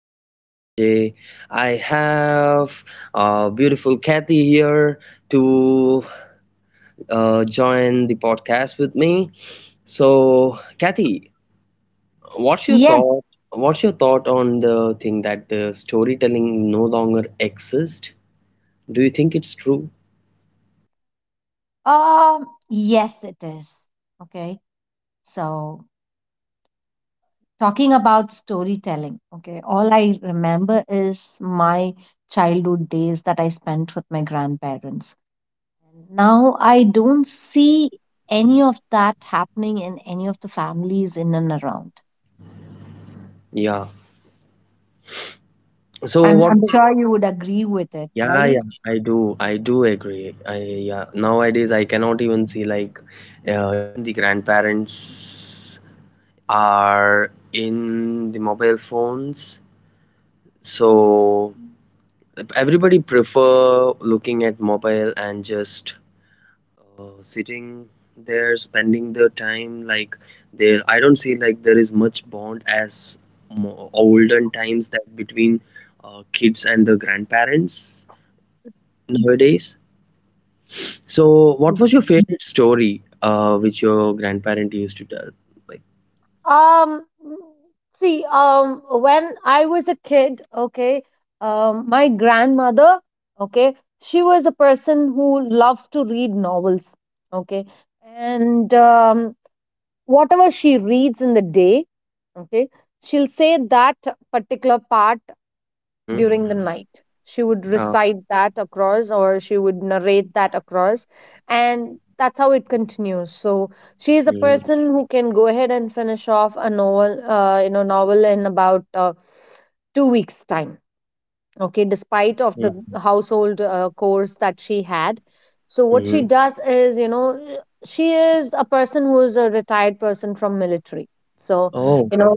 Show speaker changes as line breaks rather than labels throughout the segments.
With RJ. I have beautiful Kathy here to join the podcast with me. So, Kathy, what's your
Yes,
thought? What's your thought on the thing that the storytelling no longer exists? Do you think it's true?
yes, it is. Okay, so talking about storytelling, okay, all I remember is my childhood days that I spent with my grandparents. Now I don't see any of that happening in any of the families in and around.
Yeah. So
I'm
what?
I'm sure you would agree with it,
Yeah,
right?
yeah, I do. I do agree. I yeah. Nowadays, I cannot even see time, like, there I don't see, like, there is much bond as olden times that between kids and the grandparents nowadays. So what was your favorite story, which your grandparent used to tell, like?
Um, see, when I was a kid, okay, my grandmother, okay, she was a person who loves to read novels, okay, and whatever she reads in the day, okay, she'll say that particular part during the
Mm-hmm.
night. She would
Uh,
recite that across, or she would narrate that across, and that's how it continues. So she is a
mm,
person who can go ahead and finish off a novel, novel in about 2 weeks' time, okay, despite of the
mm,
household chores that she had. So what she
mhm.
does is, you know, she is a person who is a retired person from military. So
Oh.
you know,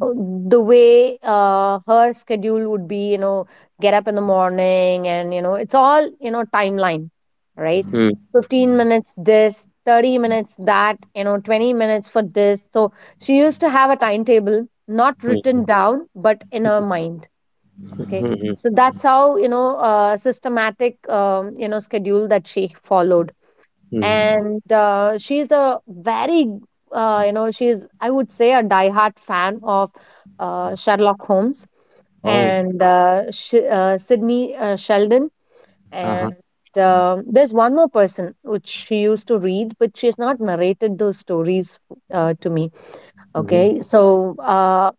the way, her schedule would be, you know, get up in the morning, and you know, it's all, you know, timeline, right?
Mm,
15 minutes this, 30 minutes that, you know, 20 minutes for this. So she used to have a timetable, not
mm,
written down, but in her mind, okay.
mm, mm,
So that's how, you know, systematic, you know, schedule that she followed.
mm.
And she's a very, you know, she's, I would say a diehard fan of, Sherlock Holmes,
Oh.
and uh, Sydney, Sheldon.
Uh-huh.
And um, there's one more person which she used to read, but she has not narrated those stories to me,
Mm-hmm.
okay. So uh,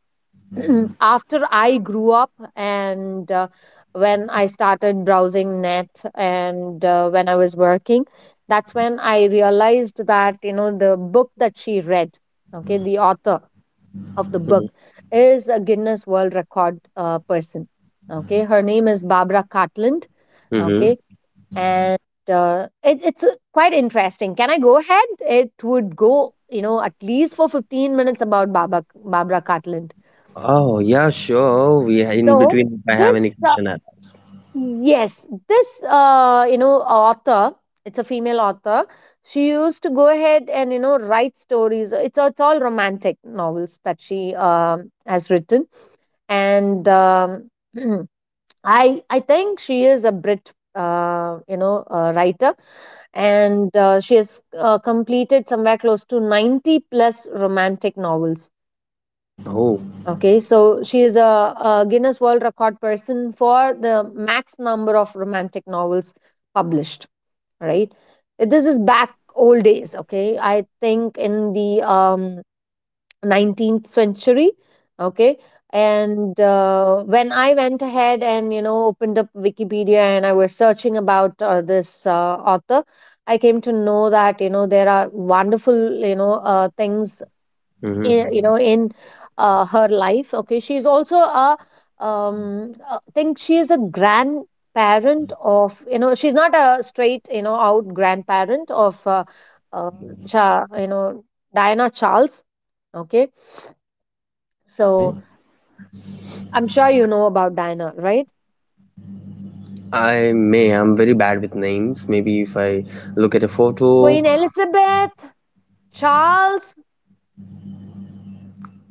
after I grew up, and when I started browsing net, and when I was working, that's when I realized that, you know, the book that she read, okay, the author of the
Mm-hmm.
book is a Guinness World Record person. Okay, her name is Barbara Cartland.
Mm-hmm.
Okay, and it's quite interesting. Can I go ahead? It would go, you know, at least for 15 minutes about Barbara Cartland.
Oh, yeah, sure. We, in
So
between, if I have any
this, uh,
question, I'll ask.
yes, this, you know, author, it's a female author. She used to go ahead and, you know, write stories. It's all romantic novels that she has written. And I think she is a Brit, uh, writer. And she has completed somewhere close to 90 plus romantic novels.
Oh.
Okay, so she is a Guinness World Record person for the max number of romantic novels published, right? This is back old days, okay? I think in the 19th century, okay? And when I went ahead and, you know, opened up Wikipedia, and I was searching about this author, I came to know that, you know, there are wonderful, you know, things
Mm-hmm.
you know, in her life, okay. She's also a, um think she's a grandparent of, you know, she's not a straight, you know, out grandparent of, uh, Cha, you know Diana Charles, okay.
Okay.
So I'm sure you know about Diana, right?
I may. I'm very bad with names. Maybe if I look at a photo.
Queen Elizabeth, Charles,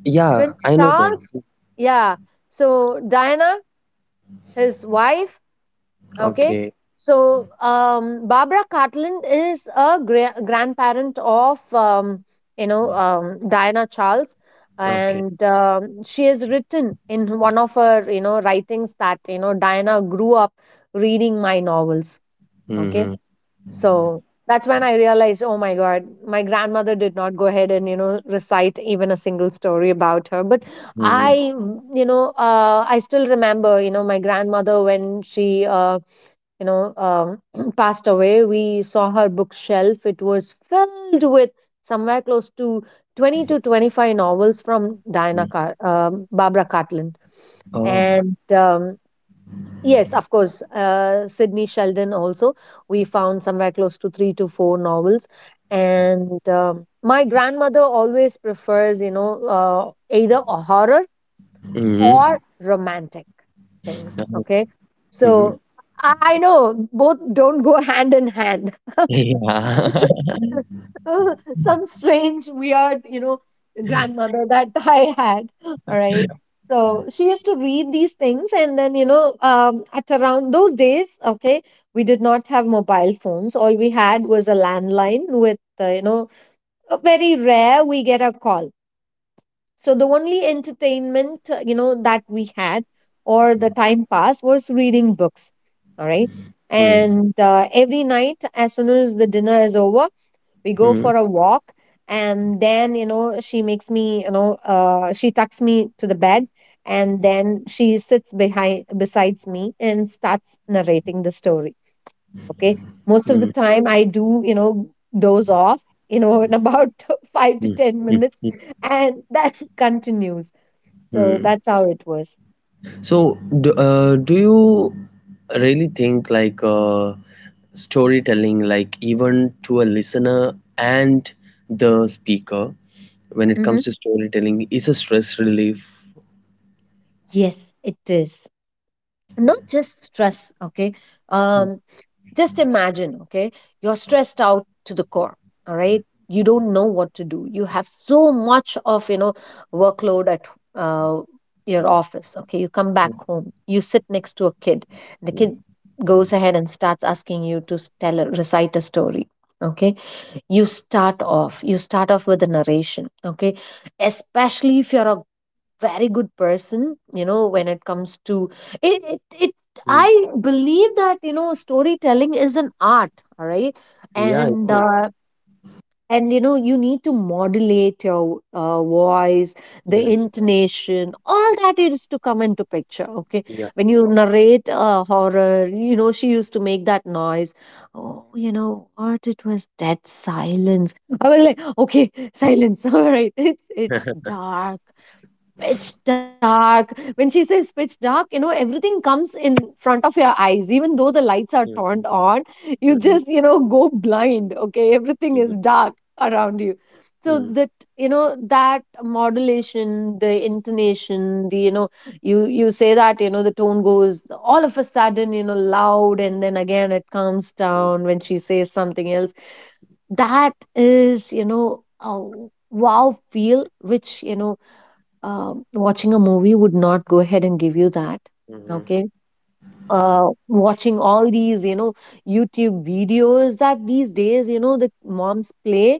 Yeah,
Prince
I know them.
Charles, yeah. So Diana, his wife. Okay.
Okay.
So, Barbara Cartland is a grandparent of, um, Diana Charles.
Okay.
And she has written in one of her, you know, writings that, you know, Diana grew up reading my novels. Okay.
Mm-hmm.
So that's when I realized, oh my God, my grandmother did not go ahead and, you know, recite even a single story about her. But
Mm-hmm.
I still remember, you know, my grandmother when she, passed away, we saw her bookshelf. It was filled with somewhere close to 20 to 25 novels from
Mm-hmm.
Barbara Cartland.
Oh,
And yes, of course, Sydney Sheldon also. We found somewhere close to three to four novels. And my grandmother always prefers, you know, either a horror or
mm-hmm,
romantic things.
no.
Okay.
Mm-hmm.
So I know both don't go hand in hand.
Yeah.
Some strange, weird, you know, grandmother that I had. All right. So she used to read these things, and then, you know, at around those days, okay, we did not have mobile phones. All we had was a landline with, uh, very rare we get a call. So the only entertainment, that we had, or the time pass was reading books. All right.
Mm,
And every night, as soon as the dinner is over, we go
mm,
for a walk. And then, you know, she makes me, she tucks me to the bed. And then she sits behind, besides me, and starts narrating the story. Okay. Most of the
mm,
time, I do, you know, doze off, you know, in about five to
mm,
10
mm,
minutes,
mm,
and that continues. So
mm.
that's how it was.
So, do you really think, like, storytelling, like, even to a listener and the speaker, when it
Hmm.
comes to storytelling, is a stress relief?
Yes, it is. Not just stress, okay?
Hmm.
Um, just imagine, okay, you're stressed out to the core, all right, you don't know what to do, you have so much of, you know, workload at uh, your office, okay, you come back home, you sit next to a kid, the kid goes ahead and starts asking you to recite a story, okay, you start off, with a narration, okay, especially if you're a very good person, you know, when it comes to it,
Mm,
I believe that, you know, storytelling is an art, all right.
yeah, it
And
is.
you know, you need to modulate your voice, the
Yes.
intonation, all that used to come into picture, okay.
Yeah.
When you narrate a horror, you know, she used to make that noise. Oh, you know what, it was dead silence. I was like, okay, silence, all right, it's dark, pitch dark. When she says pitch dark, you know, everything comes in front of your eyes. Even though the lights are
Mhm,
turned on, you
mhm,
just, you know, go blind. Okay. Everything is
mhm,
dark around you. So
mm,
that, you know, that modulation, the intonation, the, you know, you say that, you know, the tone goes all of a sudden, you know, loud. And then again, it calms
mm,
down when she says something else. That is, you know, a wow feel, which, you know, watching a movie would not go ahead and give you that,
mhm,
okay. Uh, watching all these, you know, YouTube videos that these days, you know, the moms play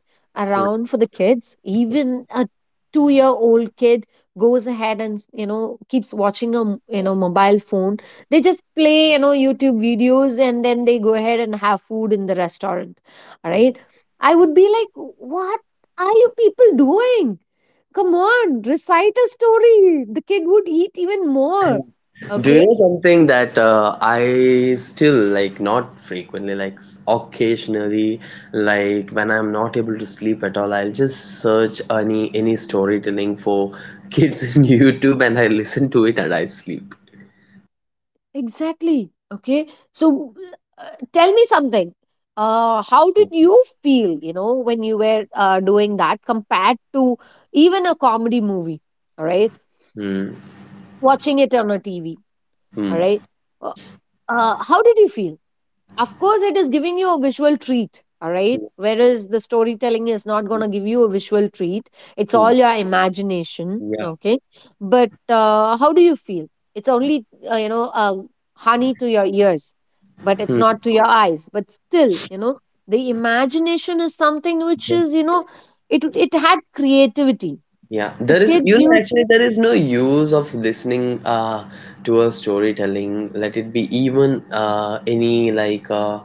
mm.
around for the kids, even a 2 year old kid goes ahead and, you know, keeps watching a you know, mobile phone. They just play, you know, YouTube videos, and then they go ahead and have food in the restaurant, all right. I would be like, what are you people doing? Come on, recite a story. The kid would eat even more.
And do you
Okay,
know something that, I still, like, not frequently, like, occasionally, like, when I'm not able to sleep at all, I'll just search any storytelling for kids in YouTube, and I listen to it and I sleep.
exactly. Okay, so tell me something. How did
Mm,
you feel, you know, when you were doing that compared to even a comedy movie? All right,
mm,
watching it on a TV. All
mm,
right, uh, how did you feel? Of course it is giving you a visual treat, all right, whereas the storytelling is not going
mm,
to give you a visual treat. It's all
mm.
your imagination,
Yeah.
okay. But how do you feel? It's only uh, you know uh, honey to your ears, but it's not to your eyes, but still, you know, the imagination is something which
Mm.
is, you know, it had creativity.
Yeah,
The
there is,
kid
you know,
used,
actually, there is no use of listening, to a storytelling. Let it be even, any, like,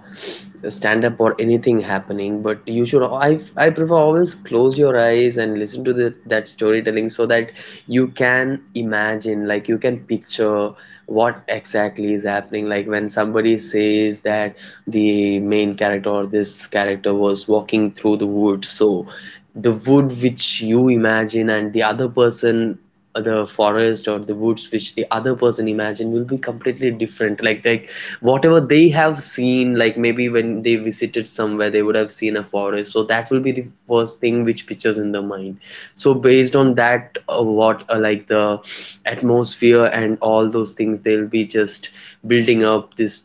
stand up or anything happening. But you should, I prefer, always close your eyes and listen to that storytelling, so that you can imagine, like, you can picture what exactly is happening. Like, when somebody says that the main character or this character was walking through the woods, so the wood which you imagine and the other person, the forest or the woods which the other person imagine, will be completely different, like, whatever they have seen, like, maybe when they visited somewhere they would have seen a forest, so that will be the first thing which pictures in the mind. So based on that, what like, the atmosphere and all those things, they'll be just building up this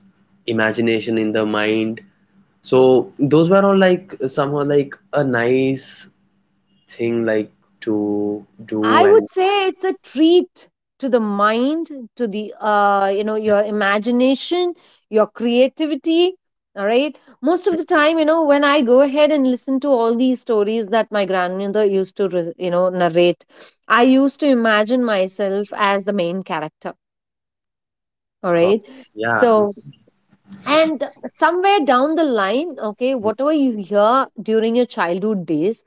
imagination in the mind. So those were all, like, somehow like a nice thing, like, to do.
I would
And
say it's a treat to the mind, to the, you know, your imagination, your creativity. All right. Most of
mm,
the time, you know, when I go ahead and listen to all these stories that my grandmother used to, you know, narrate, I
mm,
used to imagine myself as the main character. All
uh,
right.
yeah.
So,
Mm,
and somewhere down the line, okay, whatever you hear during your childhood days,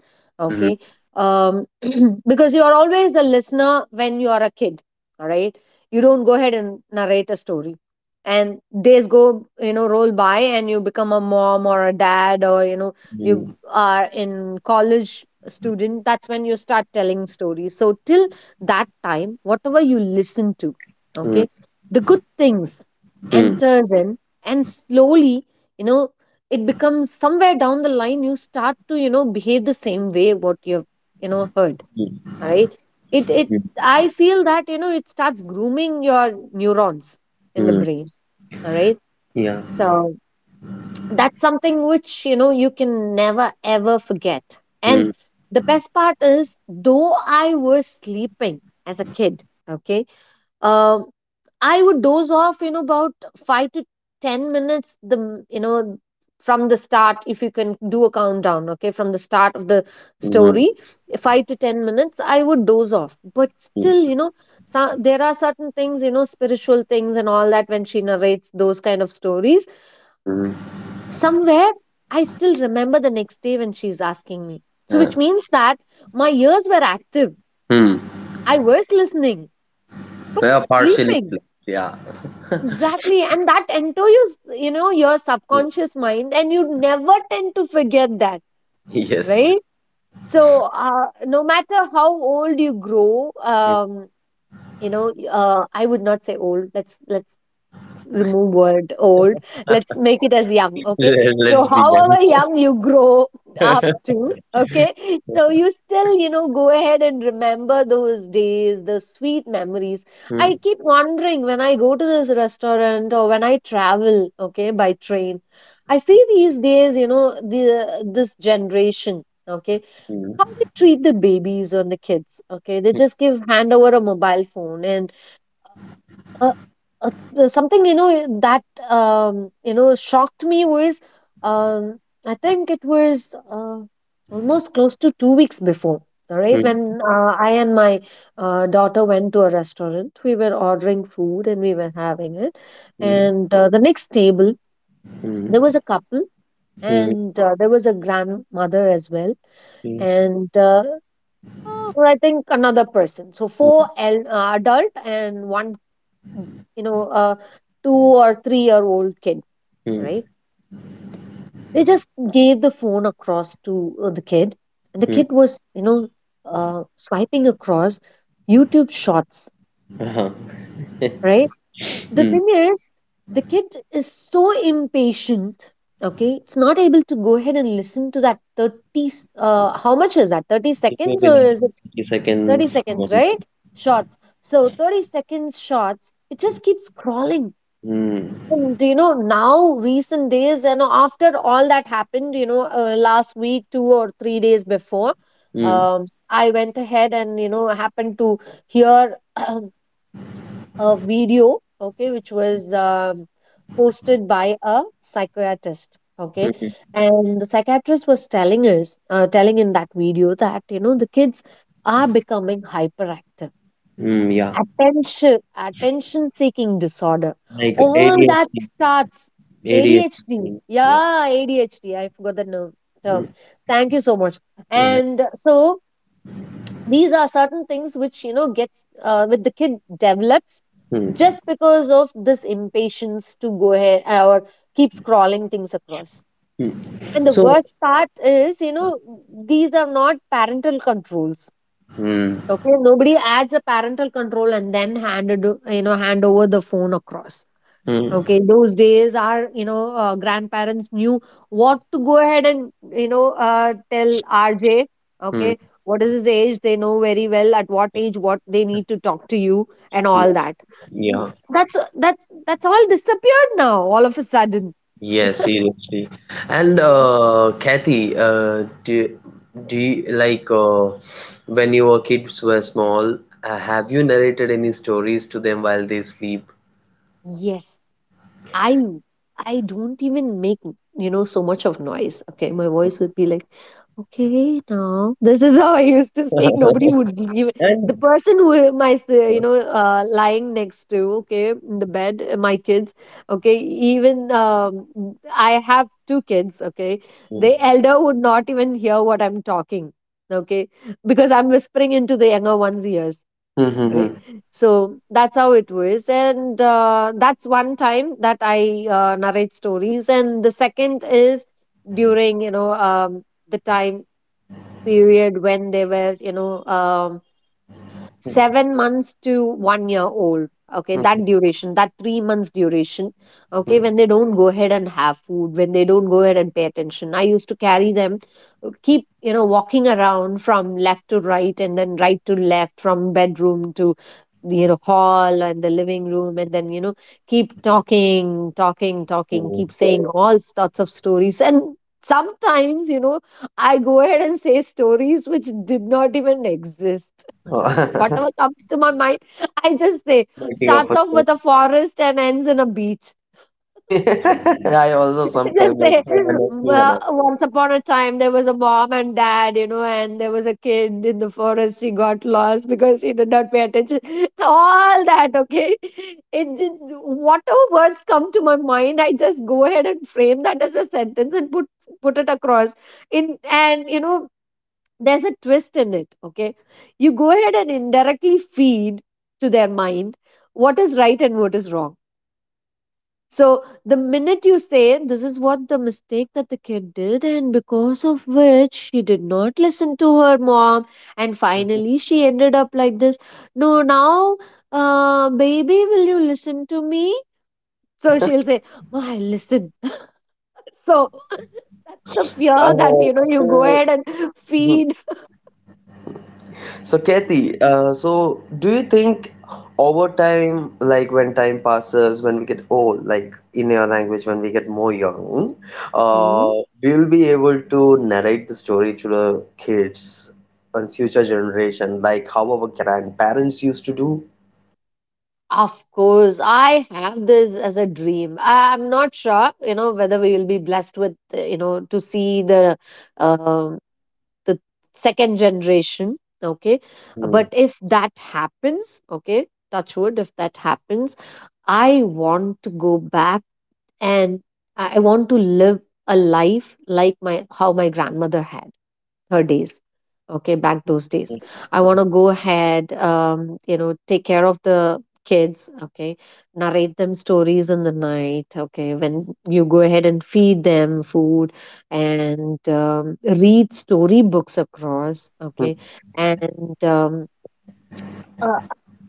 mm,
okay, um because you are always a listener when you are a kid, all right, you don't go ahead and narrate a story. And days go, you know, roll by, and you become a mom or a dad, or you know,
mm,
you are in college student, that's when you start telling stories. So till that time, whatever you listen to, okay, the good things
mm, mm,
enters in, and slowly, you know, it becomes, somewhere down the line you start to, you know, behave the same way what you've, you know, heard,
mm,
all right. it I feel that, you know, it starts grooming your neurons in the
mm,
brain, all right.
yeah.
So that's something which, you know, you can never ever forget. And
Mm,
the best part is, though I was sleeping as a kid, okay, um, I would doze off, you know, about 5 to 10 minutes. The m- you know From the start, if you can do a countdown, okay, from the start of the
mm,
story, 5 to 10 minutes, I would doze off. But still,
mm,
so, there are certain things, spiritual things and all that. When she narrates those kind of stories,
mm,
somewhere I still remember the next day when she's asking me. So,
uh,
which means that my ears were active.
mm.
I was listening, but
Well, partially
sleeping.
flipped, yeah.
Exactly, and that enters, your
Mm,
subconscious mind, and you never tend to forget that,
yes.
right? So, no matter how old you grow,
Mm.
I would not say old. Let's remove word old, let's make it as young, okay. So
Let's begin.
however young you grow up to, okay. So you still, go ahead and remember those days, the sweet memories. I
Mm,
keep wondering when I go to this restaurant or when I travel, okay, by train. I see these days, the this generation, okay,
mm,
how they treat the babies or the kids, okay. They just give hand over a mobile phone, and uh, something, that, shocked me was, um, I think it was, almost close to 2 weeks before. All
mm,
right,
mm,
when, I and my, daughter went to a restaurant, we were ordering food and we were having it. And, the next table, there was
mm,
a couple,
mm,
and, there was a grandmother as well,
mm, mm,
and, I think another person. So four adult, and one, a 2 or 3 year old kid,
mm,
right? They just gave the phone across to, the kid, and the
mm,
kid was, swiping across YouTube Shorts,
uh-huh.
right? The
Mm.
thing is, the kid is so impatient, okay. It's not able to go ahead and listen to that 30 how much is that? 30
It will
seconds,
be
or is
like
it?
30
30
seconds.
seconds, right? Shots. So 30 seconds shots, it just keeps scrolling.
Mm.
And, now recent days, and after all that happened, last week, 2 or 3 days before, I went ahead and happened to hear a video, okay, which was, posted by a psychiatrist, okay.
Mm.
And the psychiatrist was telling us, telling in that video that, the kids are becoming hyperactive,
Mm, yeah,
attention attention seeking disorder,
like
all that
ADHD.
starts. ADHD,
ADHD,
yeah, ADHD. I forgot the
mm,
term. Thank you so much.
yeah.
And so these are certain things which, gets, with the kid, develops,
Mm,
just because of this impatience to go ahead, or keep scrolling things across.
mm.
And the
So,
worst part is, these are not parental controls.
mm,
Okay, nobody adds a parental control and then handed o- you know hand over the phone across. Okay,
mm,
those days our, grandparents knew what to go ahead and, tell RJ.
mm,
Okay, what is his age? They know very well at what age what they need to talk to you and
yeah,
all that. N-
yeah,
That's that's that's all disappeared now. All of a sudden.
yeah, seriously. And Kathy, do you, like, when your kids were small, have you narrated any stories to them while they sleep?
Yes, I I don't even make, so much of noise. Okay, my voice would be like. Okay, now this is how I used to speak. Nobody would give. The
And
person who my s- you know lying next to, okay, in the bed, my kids, okay, even, I have two kids, okay.
mm,
The elder would not even hear what I'm talking, okay, because I'm whispering into the younger one's ears,
mm,
right?
mm,
So that's how it was. And, that's one time that I, narrate stories, and the second is during, the time period when they were, 7 months to 1 year old, okay,
mm,
that duration, that 3 months duration, okay,
mm,
when they don't go ahead and have food, when they don't go ahead and pay attention. I used to carry them, keep, walking around, from left to right and then right to left, from bedroom to, hall and the living room, and then, keep talking talking talking, keep
mm.
saying all sorts of stories. And sometimes, I go ahead and say stories which did not even exist.
Mm.
Whatever comes to my mind, I just say.
Making up
Starts
a.
off with a forest and ends in a beach.
I also
Just
sometimes like
say,
to, when I feel when
well,
I feel.
once upon a time, there was a mom and dad, and there was a kid in the forest. He got lost because he did not pay attention. All that, okay? It just, whatever words come to my mind, I just go ahead and frame that as a sentence, and put it across, in, and, there's a twist in it, okay. You go ahead and indirectly feed to their mind what is right and what is wrong. So the minute you say, this is what the mistake that the kid did, and because of which she did not listen to her mom, and finally she ended up like this. No, now, baby, will you listen to me? So
Hmm.
she'll say, "Ma, I listen." So the fear that, you go
So,
ahead and
mhm.
feed.
So Kathy, so do you think, over time, like when time passes, when we get old, like in your language, when we get more young, uh, we'll be able to narrate the story to the kids and future generation, like how our grandparents used to do?
Of course, I have this as a dream. I'm not sure, whether we will be blessed with, to see the, um, the second generation. Okay,
Hmm.
but if that happens, okay, touch wood, if that happens, I want to go back, and I want to live a life like my how my grandmother had her days, okay, back those days.
Mhm.
I want to go ahead, take care of the kids, okay, narrate them stories in the night, okay, when you go ahead and feed them food, and, read storybooks across, okay,
Mhm.
and, uh,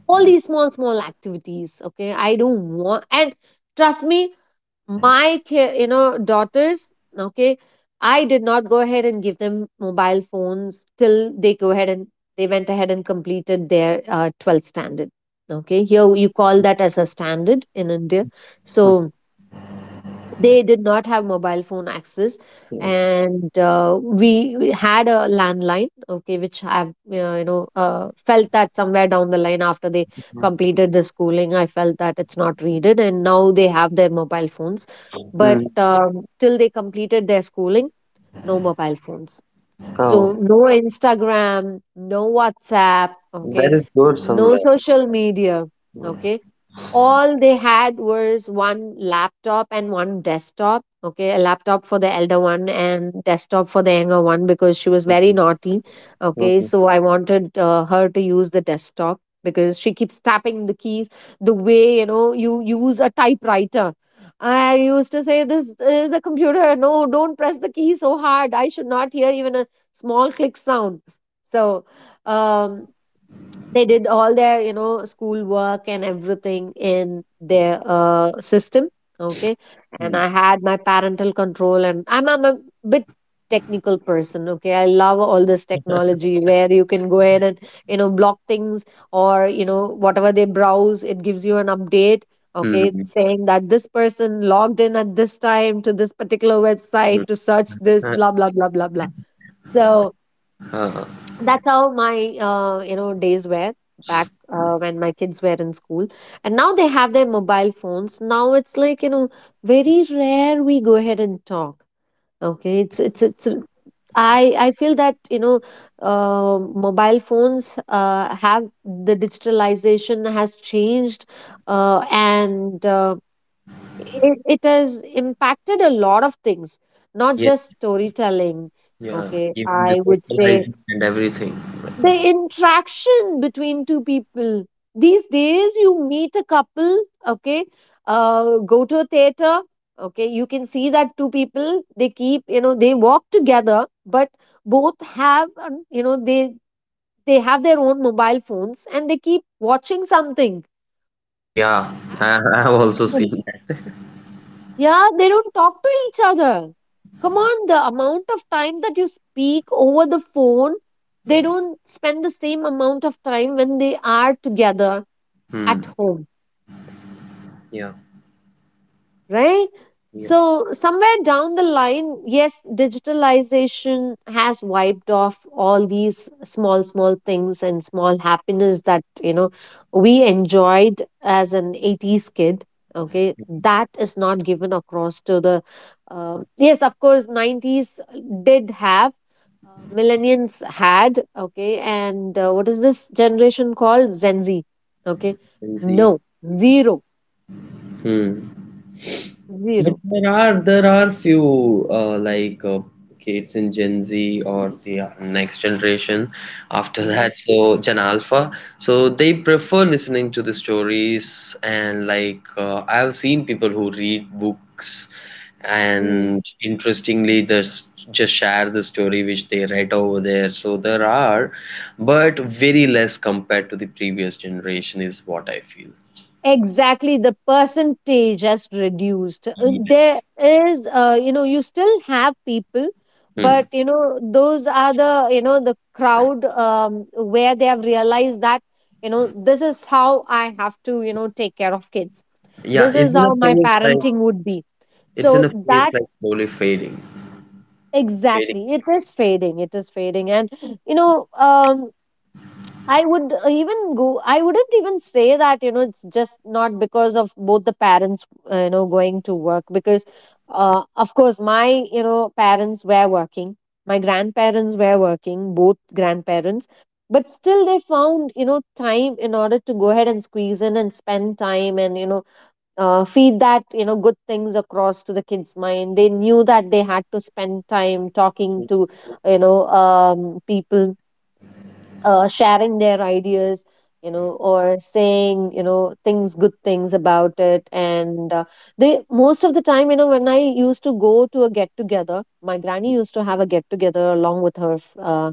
all these small small activities, okay. I don't want. And trust me, my daughters, okay, I did not go ahead and give them mobile phones till they go ahead and they went ahead and completed their, 12th standard, okay. Here you call that as a standard in India. So they did not have mobile phone access.
Mhm.
And, we had a landline, okay, which I've, felt that somewhere down the line after they
Mhm.
completed the schooling, I felt that it's not needed. And now they have their mobile phones. But,
Mhm.
till they completed their schooling, no mobile phones. So
Oh.
no Instagram, no WhatsApp, okay,
That is good
no
somewhere.
social media,
Hmm.
okay. All they had was one laptop and one desktop, okay, a laptop for the elder one and desktop for the younger one, because she was very naughty, okay.
Hmm.
So I wanted, her to use the desktop because she keeps tapping the keys the way, you use a typewriter. I used to say, this is a computer, no, don't press the key so hard, I should not hear even a small click sound. So, um they did all their, school work and everything in their, system, okay. And I
Hmm.
had my parental control. And I'm a bit technical person, okay. I love all this technology where you can go ahead and, block things, or, whatever they browse, it gives you an update, okay,
Hmm.
saying that this person logged in at this time to this particular website to
Mm-hmm.
search this
Uh,
blah blah blah blah blah. So
uh,
that's how my, days were back, when my kids were in school. And now they have their mobile phones. Now it's like, very rare we go ahead and talk, okay.
yeah.
It's I feel that, uh, mobile phones, have, the digitalization has changed, and it has impacted a lot of things, not just
Yes.
storytelling,
Yeah.
okay,
Even the
I would say.
socializing and everything.
The interaction between two people. These days you meet a couple, okay, go to a theater, okay, you can see that two people, they keep, they walk together, but both have, they have their own mobile phones and they keep watching something.
Yeah. I have also
Mm.
seen that.
Yeah, they don't talk to each other. Come on, the amount of time that you speak over the phone, they don't spend the same amount of time when they are together
Hmm.
at home,
Yeah.
right?
Yeah.
So, somewhere down the line, yes, digitalization has wiped off all these small, small things and small happiness that, we enjoyed as an 80s kid. Okay, that is not given across to the. Yes, of course, 90s did have, millennials had, okay, and, what is this generation called? Gen Z, okay.
I see.
No, zero,
Hmm. But
zero.
there are few, like, kids in Gen Z or the, next generation after that, so Gen Alpha. So they prefer listening to the stories, and like, I've seen people who read books
Mm.
and interestingly this just share the story which they read over there. So there are, but very less compared to the previous generation is what I feel.
Exactly, the percentage has reduced.
Yeah.
There is, you know, you still have people,
Hmm.
but, those are the, crowd, where they have realized that, this is how I have to, take care of kids.
Yeah,
This
is
is
there a
how my
famous, like,
parenting would be.
it's in a
So
phase
that.
like slowly fading, fading.
Exactly, it is fading. It is fading, and, you know, um, I would, even go, I wouldn't even say that, it's just not because of both the parents, going to work. Because, of course, my, parents were working, my grandparents were working, both grandparents, but still they found, time in order to go ahead and squeeze in and spend time, and, feed that, good things across to the kids' mind. They knew that they had to spend time talking to, people, sharing their ideas, or saying, things, good things about it, and, they most of the time, when I used to go to a get together, my granny used to have a get together along with her,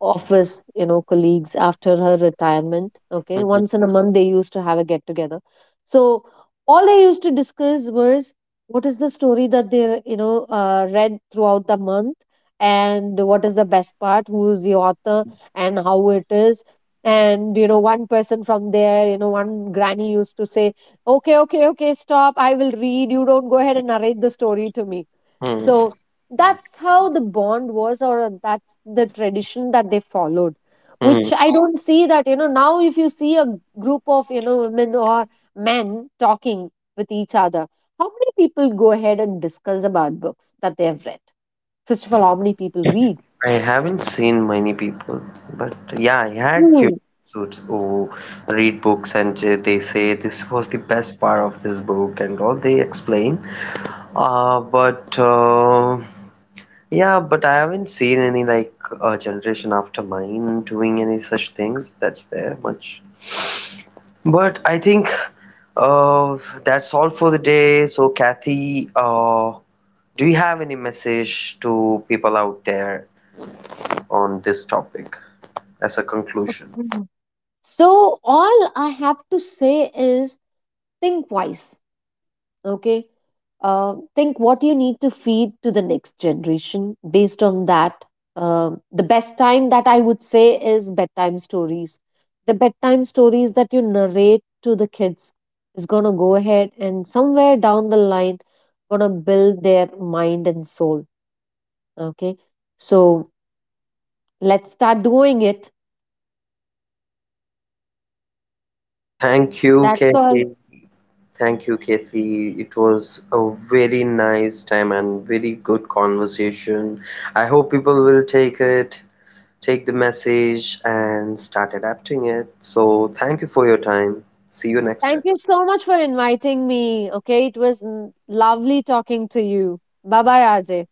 office, colleagues, after her retirement, okay, once in a month they used to have a get together. So all they used to discuss was, what is the story that they, read throughout the month, and what is the best part, who is the author, and how it is. And, one person from there, one granny used to say, okay, okay, okay, stop, I will read, you don't go ahead and narrate the story to me.
Hmm,
So that's how the bond was, or, that's the tradition that they followed, which
hmm.
I don't see that, now, if you see a group of, women or men talking with each other, how many people go ahead and discuss about books that they have read? First of all, how many people read?
I haven't seen many people, but yeah, I had few
Hmm.
suits who read books and they say this was the best part of this book and all they explain. But yeah, but I haven't seen any, like, generation after mine doing any such things that's there much. But I think, uh, that's all for the day. So, Kathy, do you have any message to people out there on this topic as a conclusion?
Mhm. So all I have to say is, think wise, okay, think what you need to feed to the next generation based on that. The best time that I would say is bedtime stories. The bedtime stories that you narrate to the kids is going to go ahead and somewhere down the line going to build their mind and soul, okay. So let's start doing it.
Thank you,
That's all.
Kathy. Thank you, Kathy. It was a very nice time and very good conversation. I hope people will take it, take the message, and start adapting it. So, thank you for your time. See you next
Thank
time.
you so much for inviting me, okay. It was, lovely talking to you. Bye bye, Ajay.